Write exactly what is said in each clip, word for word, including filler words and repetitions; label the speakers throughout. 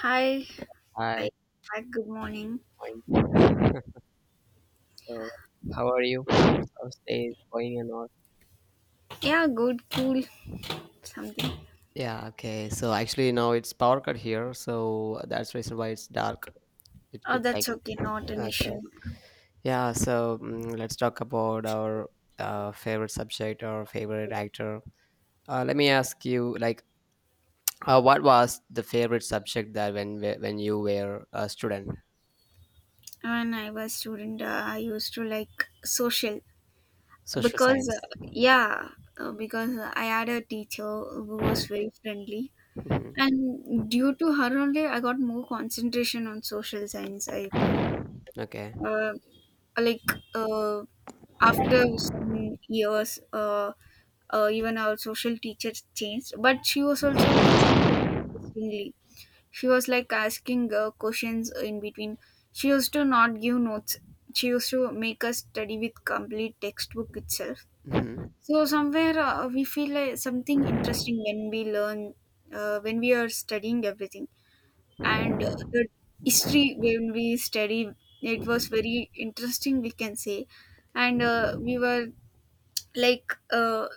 Speaker 1: Hi. Hi.
Speaker 2: Hi,
Speaker 1: Hi. Good morning.
Speaker 2: fine. So, how are you? How's day going and all?
Speaker 1: Yeah, good, cool, something.
Speaker 2: Yeah, okay. So actually now it's power cut here, so that's reason why it's dark. It
Speaker 1: Oh,
Speaker 2: it like
Speaker 1: that's okay. Not an
Speaker 2: okay.
Speaker 1: issue.
Speaker 2: Yeah, so mm, let's talk about our uh, favorite subject or favorite actor. Uh, let me ask you, like, uh, what was the favorite subject that when we- when you were a student?
Speaker 1: When I was student, uh, I used to like social
Speaker 2: Social
Speaker 1: because, uh,
Speaker 2: science.
Speaker 1: yeah, uh, because I had a teacher who was very friendly,
Speaker 2: Hmm.
Speaker 1: and due to her only, I got more concentration on social science. I feel
Speaker 2: Okay.
Speaker 1: uh, like uh, after some years uh, uh, even our social teacher changed, but she was also teaching very interestingly. She was like asking uh, questions in between. She used to not give notes. She used to make us study with complete textbook itself.
Speaker 2: Hmm.
Speaker 1: So somewhere uh, we feel like something interesting when we learn, uh, when we are studying everything. And uh, the history when we study, it was very interesting we can say. And uh, we were like uh,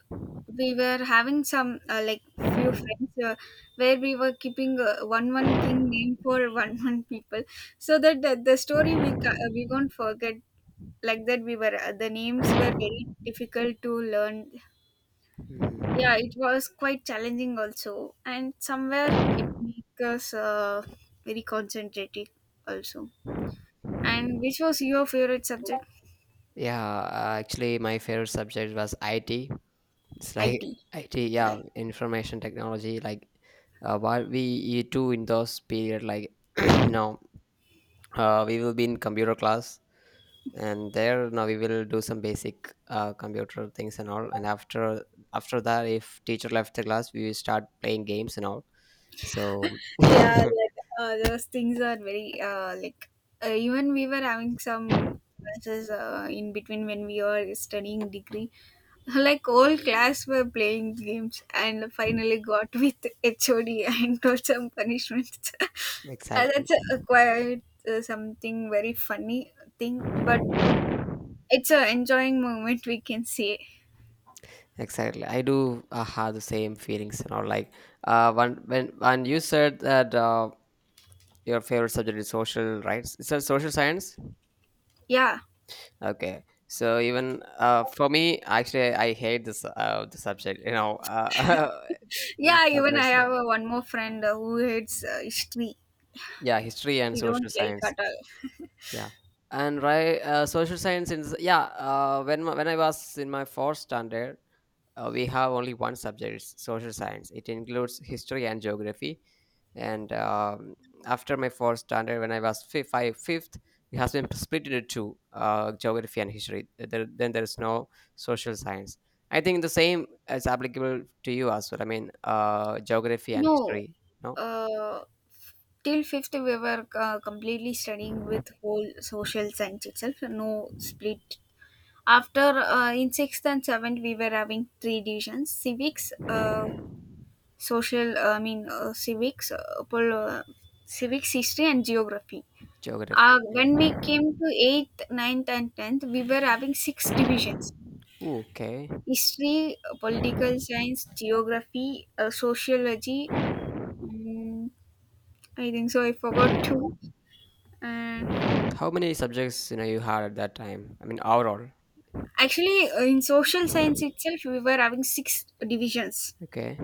Speaker 1: we were having some uh, like few friends uh, where we were keeping uh, one one king name for one one people, so that the, the story we ca- uh, we won't forget. Like that we were uh, the names were very difficult to learn. Yeah,
Speaker 2: Hmm.
Speaker 1: it was quite challenging also, and somewhere it makes us uh, very concentrating also. And which was your favorite subject?
Speaker 2: Yeah, uh, actually, my favorite subject was I T. It's like
Speaker 1: It
Speaker 2: I T, yeah,
Speaker 1: right.
Speaker 2: information technology. Like uh, what we do in those period, like you know, uh, we will be in computer class, and there now we will do some basic uh, computer things and all. And after after that, if teacher left the class, we will start playing games and all. So
Speaker 1: Yeah, like uh, those things are very uh, like uh, even we were having some classes uh, in between when we were studying degree. Like whole class were playing games and finally got with H O D and got some punishments. Uh,
Speaker 2: exactly,
Speaker 1: That's a quite uh, something very funny thing, but it's a enjoying moment we can say.
Speaker 2: exactly. I do uh, have the same feelings and all. Like uh, when when when you said that. Uh, your favorite subject is social, right? Is that social science?
Speaker 1: Yeah,
Speaker 2: Okay, so even uh, for me actually I hate this uh, the subject, you know, uh, it's
Speaker 1: yeah. Even I
Speaker 2: not.
Speaker 1: have a, one more friend uh, who hates uh, history.
Speaker 2: Yeah, history and
Speaker 1: He
Speaker 2: social
Speaker 1: don't like
Speaker 2: science.
Speaker 1: at all.
Speaker 2: Yeah, and right, uh, social science in s- yeah, uh, when my- when I was in my fourth standard, uh, we have only one subject, it's social science, it includes history and geography. And um, after my fourth standard, when I was fifth, five, fifth, it has been split into two, uh, geography and history. Uh, there, then there is no social science. I think the same is applicable to you as well. I mean, uh, geography and
Speaker 1: No,
Speaker 2: history. No
Speaker 1: uh, till fifth we were uh, completely studying with whole social science itself. No split. After uh, in sixth and seventh, we were having three divisions: civics, uh, social. I mean, uh, civics, uh, pol- uh, civics, history, and geography.
Speaker 2: geography.
Speaker 1: Uh, when we
Speaker 2: Yeah.
Speaker 1: came to eighth, ninth, and tenth, we were having six divisions:
Speaker 2: Ooh, okay.
Speaker 1: history, uh, political science, geography, uh, sociology. mm, I think so. I forgot two. Uh,
Speaker 2: How many subjects, you know, you had at that time? I mean overall.
Speaker 1: actually, uh, in social science itself, we were having six divisions.
Speaker 2: Okay,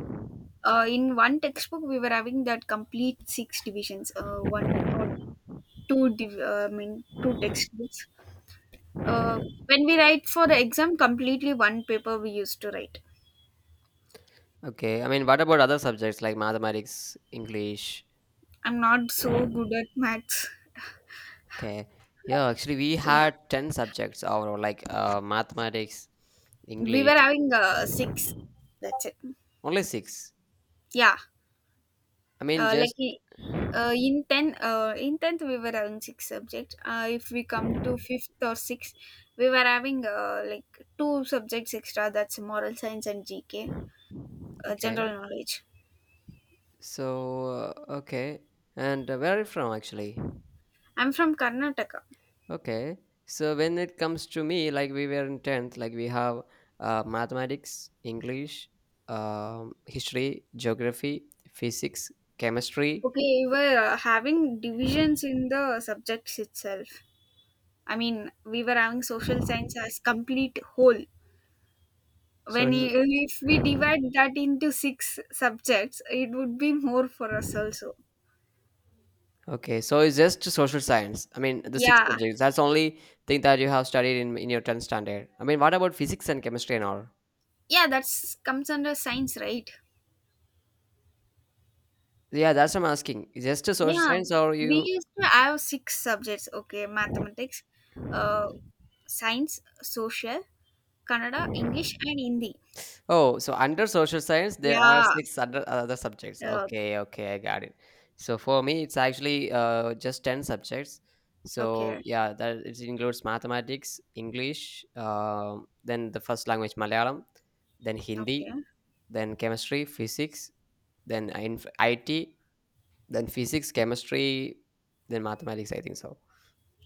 Speaker 1: uh, In one textbook we were having that complete six divisions, uh, one or two div- uh, I mean two textbooks. uh, when we write for the exam, completely one paper we used to write.
Speaker 2: okay. I mean, what about other subjects like mathematics, english?
Speaker 1: I'm not so good at maths.
Speaker 2: Okay. Yeah, actually, we
Speaker 1: Yeah,
Speaker 2: had ten subjects overall, like uh, mathematics,
Speaker 1: we
Speaker 2: English.
Speaker 1: were having uh, six, that's it.
Speaker 2: Only six.
Speaker 1: yeah
Speaker 2: I mean,
Speaker 1: uh, like
Speaker 2: just
Speaker 1: i- uh, in ten uh, in tenth we were having six subjects. Uh, if we come to fifth or sixth, we were having uh, like two subjects extra, that's moral science and gk, uh, general
Speaker 2: okay.
Speaker 1: knowledge.
Speaker 2: So, uh, okay. And uh, where are you from, actually?
Speaker 1: I'm from Karnataka.
Speaker 2: Okay. So, when it comes to me, like we were in tenth, like we have uh, mathematics, English, um, history, geography, physics, chemistry.
Speaker 1: Okay, we were uh, having divisions in the subjects itself. I mean, we were having social science as complete whole.
Speaker 2: So,
Speaker 1: When i- if we divide that into six subjects, it would be more for us also.
Speaker 2: okay, so it's just social science. I mean, the six
Speaker 1: Yeah,
Speaker 2: subjects. That's only thing that you have studied in in your tenth standard. I mean, what about physics and chemistry and all?
Speaker 1: yeah, that's comes under science, right?
Speaker 2: Yeah, that's what I'm asking. Is just a social
Speaker 1: Yeah,
Speaker 2: science,
Speaker 1: we
Speaker 2: or
Speaker 1: we
Speaker 2: you.
Speaker 1: used to have six subjects. Okay, mathematics, uh, science, social, Kannada, English, and Hindi.
Speaker 2: Oh, so under social science, there are
Speaker 1: Yeah.
Speaker 2: six other, other subjects.
Speaker 1: Uh,
Speaker 2: Okay, okay, I got it. So for me, it's actually uh, just ten subjects. So
Speaker 1: okay.
Speaker 2: yeah, that it includes mathematics, English, um then the first language Malayalam, then Hindi,
Speaker 1: Okay,
Speaker 2: then chemistry, physics, then inf- I T, then physics, chemistry, then mathematics, I think so.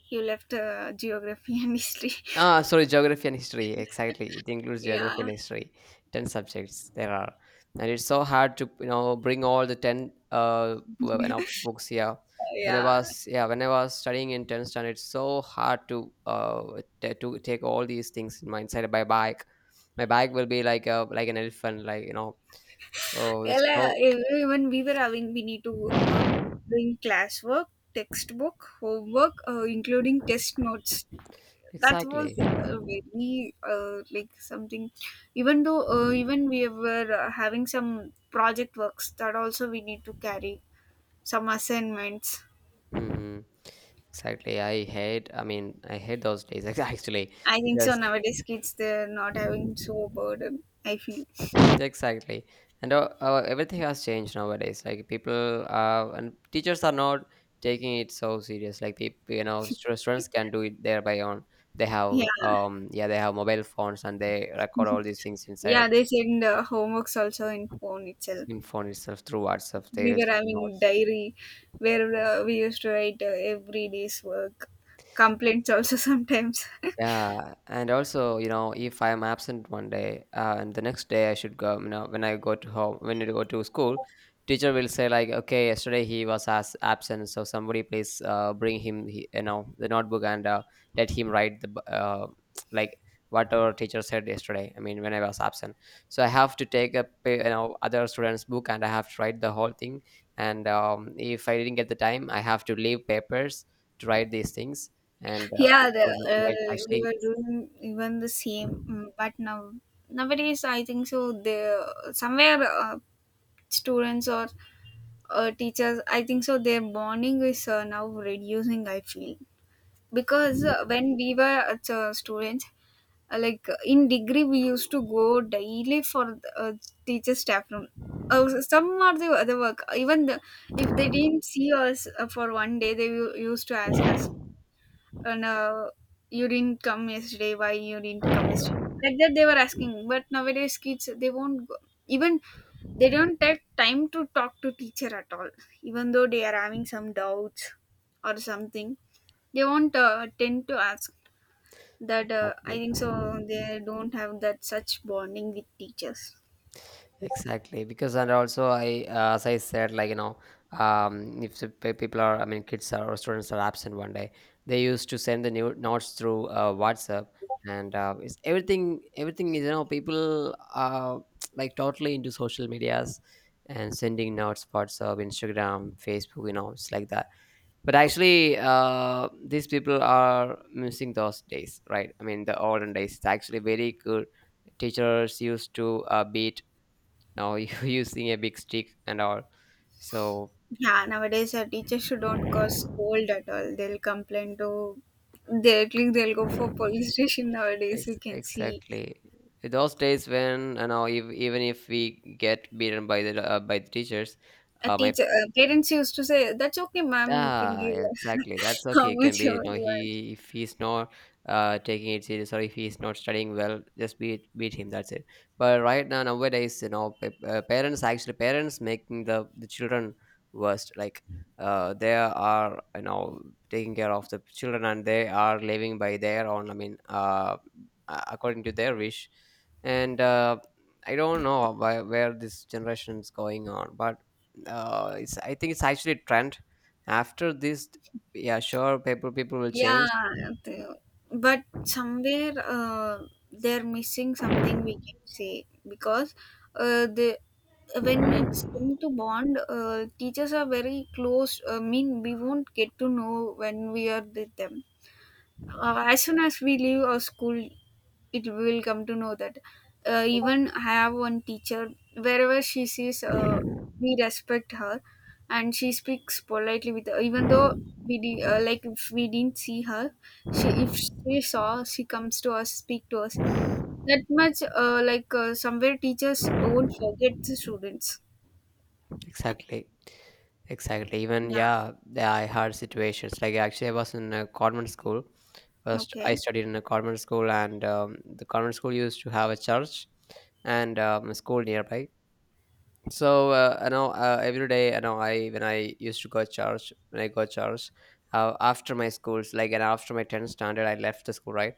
Speaker 1: you left uh, geography and history.
Speaker 2: Ah, sorry, geography and history. Exactly, it includes geography
Speaker 1: Yeah,
Speaker 2: and history. Ten subjects there are, and it's so hard to, you know, bring all the ten uh well, you know, books here. When I
Speaker 1: yeah.
Speaker 2: was yeah, when I was studying in tenth standard, it's so hard to uh t- to take all these things in my inside my bag. My bag will be like a like an elephant, like you know. Oh,
Speaker 1: Well,
Speaker 2: it's
Speaker 1: uh,
Speaker 2: so
Speaker 1: even we were having, we need to um, doing classwork, textbook, homework, uh, including test notes. That was
Speaker 2: exactly.
Speaker 1: uh, very uh, like something. Even though uh, even we were uh, having some project works, that also we need to carry, some assignments.
Speaker 2: Hmm. Exactly. I hate, I mean, I hate those days actually
Speaker 1: I think so.
Speaker 2: because
Speaker 1: Nowadays, kids they're not having so burden. I feel.
Speaker 2: exactly. And uh, uh, everything has changed nowadays. Like people uh, and teachers are not taking it so serious. Like people, you know, stu- students can do it there by own. They
Speaker 1: Yeah.
Speaker 2: have um yeah, they have mobile phones and they record all these things inside
Speaker 1: Yeah, they send uh, homeworks also in phone itself.
Speaker 2: in phone itself through WhatsApp. They
Speaker 1: We
Speaker 2: will
Speaker 1: were
Speaker 2: send
Speaker 1: having
Speaker 2: notes.
Speaker 1: diary where uh, we used to write uh, every day's work, complaints also sometimes.
Speaker 2: Yeah, and also, you know, if I'm absent one day, uh, and the next day I should go, you know, when I go to home, when I go to school, teacher will say like, okay, yesterday he was as absent, so somebody please uh, bring him, he, you know, the notebook and uh, let him write the b- uh, like whatever teacher said yesterday. I mean, when I was absent, so I have to take a uh, you know, other students' book and I have to write the whole thing. And um, if I didn't get the time, I have to leave papers to write these things. And uh,
Speaker 1: Yeah,
Speaker 2: and
Speaker 1: the,
Speaker 2: for the yeah, It's
Speaker 1: uh, we
Speaker 2: actually
Speaker 1: were doing even the same, mm, but now nowadays I think so. They somewhere uh, students or uh, teachers, I think so. Their bonding is uh, now reducing. I feel because uh, when we were uh, so students. Uh, like uh, in degree we used to go daily for the, uh, teacher staff room, uh, some are the other work. Even the, if they didn't see us uh, for one day, they u- used to ask us. And uh, you didn't come yesterday, why you didn't come yesterday, like that they were asking. But nowadays kids, they won't go. Even they don't take time to talk to teacher at all. Even though they are having some doubts or something, they won't uh, tend to ask that. uh, I
Speaker 2: exactly
Speaker 1: think so they don't have that such bonding with teachers.
Speaker 2: exactly because and also I uh, as I said, like, you know, um if the pe- people are, I mean kids are, or students are absent one day, they used to send the new notes through uh, WhatsApp. And uh, it's everything everything is, you know, people are like totally into social medias and sending notes, WhatsApp, Instagram, Facebook, you know, it's like that. But actually uh, these people are missing those days, right? I mean, the olden days, it's actually very good. Teachers used to uh, beat, you know, using a big stick and all. So
Speaker 1: Yeah, nowadays our teachers should not cause scold at all, they'll complain to directly, they'll go for police station nowadays we
Speaker 2: ex-
Speaker 1: can see.
Speaker 2: exactly. Those days, when you know, if, even if we get beaten by the uh, by the teachers,
Speaker 1: A
Speaker 2: um,
Speaker 1: teacher, uh, parents used to say, that's okay ma'am, you can
Speaker 2: yeah,
Speaker 1: give,
Speaker 2: exactly. That's
Speaker 1: how
Speaker 2: okay. It can
Speaker 1: much
Speaker 2: be,
Speaker 1: you
Speaker 2: you know,
Speaker 1: want.
Speaker 2: he if he's not uh taking it serious or if he's not studying well, just beat beat him. That's it. But right now, nowadays, you know, pa- uh, parents, actually parents making the the children worst. Like uh, they are, you know, taking care of the children and they are living by their own. I mean, uh, a- according to their wish, and uh, I don't know why, where this generation is going on, but uh, it's, I think it's actually a trend. After this, yeah, sure, people people will change.
Speaker 1: Yeah, they- but somewhere uh, they're missing something we can say, because uh, the when it's come to bond, uh, teachers are very close. I mean, we won't get to know when we are with them, uh, as soon as we leave our school, it will come to know that. Uh, even I have one teacher, wherever she sees uh, we respect her, and she speaks politely with her. Even though we did, uh, like if we didn't see her, she, if she saw, she comes to us, speak to us. That much uh, like uh, somewhere teachers won't forget the students.
Speaker 2: Exactly. Exactly. Even
Speaker 1: Yeah.
Speaker 2: yeah, the- I had situations like actually I was in a convent school. First, I
Speaker 1: Okay.
Speaker 2: studied in a convent school, and um, the convent school used to have a church and um, a school nearby. So uh, you know, uh, every day, I know, I when I used to go church, when I go church uh, after my schools, like, and after my tenth standard, I left the school, right?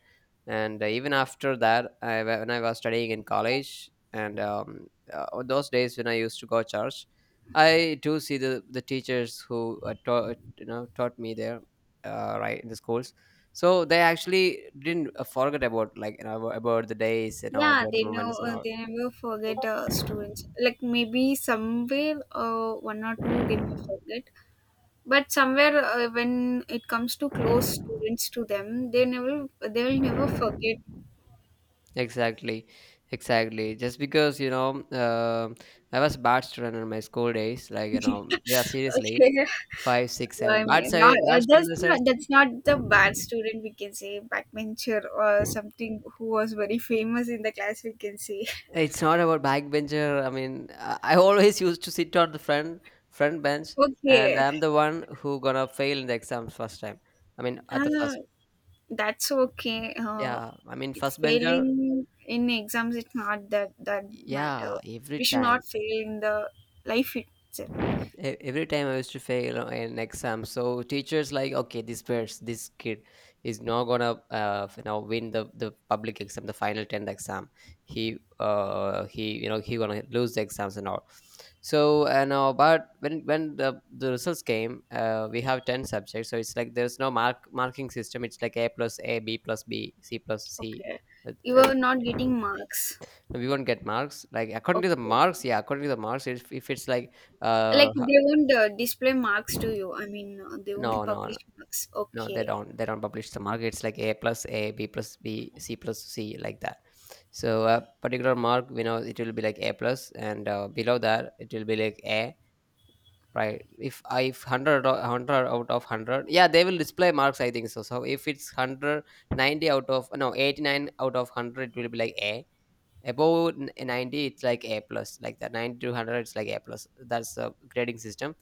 Speaker 2: And uh, even after that, I, wa- when I was studying in college, and um, uh, on those days when I used to go church, I do see the the teachers who uh, taught, you know, taught me there uh, right in the schools. So they actually didn't uh, forget about, like, you know, about the days, you know,
Speaker 1: Yeah,
Speaker 2: about the
Speaker 1: they know,
Speaker 2: moments and
Speaker 1: uh,
Speaker 2: all.
Speaker 1: they never forget uh, students. Like maybe somewhere uh, one or two they may forget, but somewhere uh, when it comes to close students to them, they never, they will never forget.
Speaker 2: Exactly, exactly. Just because you know, um I was bad student in my school days. Like you know, yeah, seriously,
Speaker 1: Okay.
Speaker 2: five, six,
Speaker 1: I
Speaker 2: seven. Bad
Speaker 1: mean not
Speaker 2: side,
Speaker 1: uh,
Speaker 2: bad student in
Speaker 1: that's
Speaker 2: the
Speaker 1: not
Speaker 2: sense.
Speaker 1: that's not the bad student, we can say backbencher or something, who was very famous in the class we can say.
Speaker 2: It's not about backbencher. I mean, I I always used to sit on the front front bench, and
Speaker 1: Okay.
Speaker 2: I'm the one who gonna fail in the exams first time. I mean, at the
Speaker 1: uh,
Speaker 2: first,
Speaker 1: that's okay. Uh,
Speaker 2: yeah. I mean,
Speaker 1: it
Speaker 2: first bencher,
Speaker 1: failing in exams, it's not that that
Speaker 2: yeah,
Speaker 1: matter.
Speaker 2: every
Speaker 1: We should
Speaker 2: time.
Speaker 1: not fail in the life itself.
Speaker 2: E- every time I used to fail an exam, so teachers like, okay, this person this kid is not gonna uh, you know, win the the public exam, the final tenth exam. He uh he you know, he gonna lose the exams and all. So and uh, but when when the the results came, uh, we have ten subjects, so it's like there's no mark marking system. It's like A plus, A, B plus, B, C plus, C.
Speaker 1: Okay,
Speaker 2: Uh,
Speaker 1: you
Speaker 2: uh,
Speaker 1: are not getting marks.
Speaker 2: we won't get marks like according to the
Speaker 1: Okay,
Speaker 2: marks. Yeah, according to the marks, if, if it's like uh
Speaker 1: like they won't uh, display marks to you. I mean, uh, they won't
Speaker 2: no, no,
Speaker 1: publish
Speaker 2: no,
Speaker 1: marks.
Speaker 2: no, they
Speaker 1: Okay,
Speaker 2: don't. They don't publish the mark. It's like A plus, A, B plus, B, C plus, C, like that. So a particular mark, we know it will be like A plus, and uh, below that it will be like A, right? If I if hundred or hundred out of hundred, yeah, they will display marks, I think so. So if it's hundred ninety out of no eighty nine out of hundred, it will be like A. above n- ninety, it's like A plus. Like that, ninety to one hundred, it's like A plus. That's the grading system.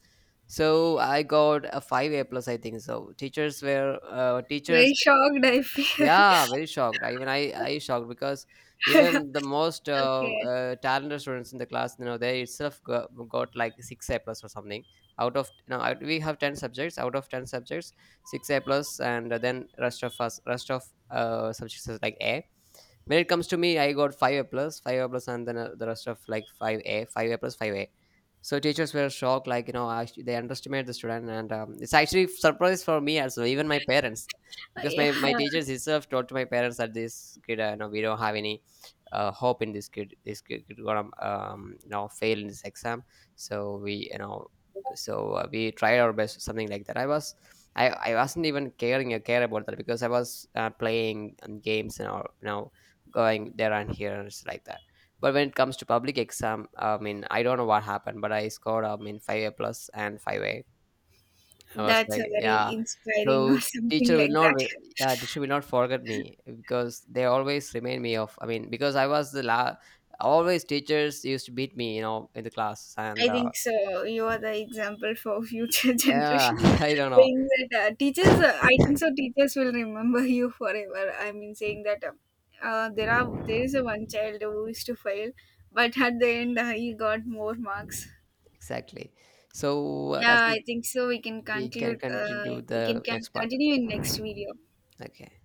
Speaker 2: So I got a five A plus, I think so. Teachers were uh, teachers.
Speaker 1: very shocked I feel.
Speaker 2: Yeah, very shocked. I, even I, I shocked because even the most uh,
Speaker 1: Okay.
Speaker 2: uh, talented students in the class, you know, they itself got, got like six A plus or something. Out of, you know, I- we have ten subjects. Out of ten subjects, six A plus, and then rest of us, rest of uh, subjects is like A. When it comes to me, I got five A plus, five A plus, and then uh, the rest of like five A, five A plus, five A. So teachers were shocked, like, you know, actually they underestimate the student, and um, it's actually surprise for me as well. Even my parents,
Speaker 1: Uh,
Speaker 2: because
Speaker 1: yeah,
Speaker 2: my my teachers itself told to my parents that this kid uh, no, we don't have any uh, hope in this kid. This kid, kid gonna um you know, fail in this exam. So we, you know, so uh, we tried our best, something like that. I was, i i wasn't even caring a care about that because I was uh, playing um, games and all, you know, going there and here and it's like that. But when it comes to public exam, I mean, I don't know what happened, but I scored, I mean, five A plus and five A. I was
Speaker 1: that's a
Speaker 2: like,
Speaker 1: very
Speaker 2: yeah.
Speaker 1: inspiring or
Speaker 2: So
Speaker 1: something
Speaker 2: teacher will
Speaker 1: like
Speaker 2: not,
Speaker 1: that.
Speaker 2: re- yeah, teacher will not forget me because they always remind me of. I mean, because I was the la, always teachers used to beat me, you know, in the class, and
Speaker 1: I
Speaker 2: uh,
Speaker 1: think so. You are the example for future
Speaker 2: yeah,
Speaker 1: generation.
Speaker 2: I don't know.
Speaker 1: Saying that uh, teachers, uh, I think so, teachers will remember you forever. I mean, saying that um, uh, there are, there is a one child who used to fail, but at the end uh, he got more marks.
Speaker 2: Exactly. So uh, that's
Speaker 1: Yeah,
Speaker 2: it.
Speaker 1: I think so, we can
Speaker 2: We can
Speaker 1: conclude. Uh,
Speaker 2: continue
Speaker 1: we can,
Speaker 2: the
Speaker 1: can
Speaker 2: next part.
Speaker 1: continue in next video.
Speaker 2: Okay.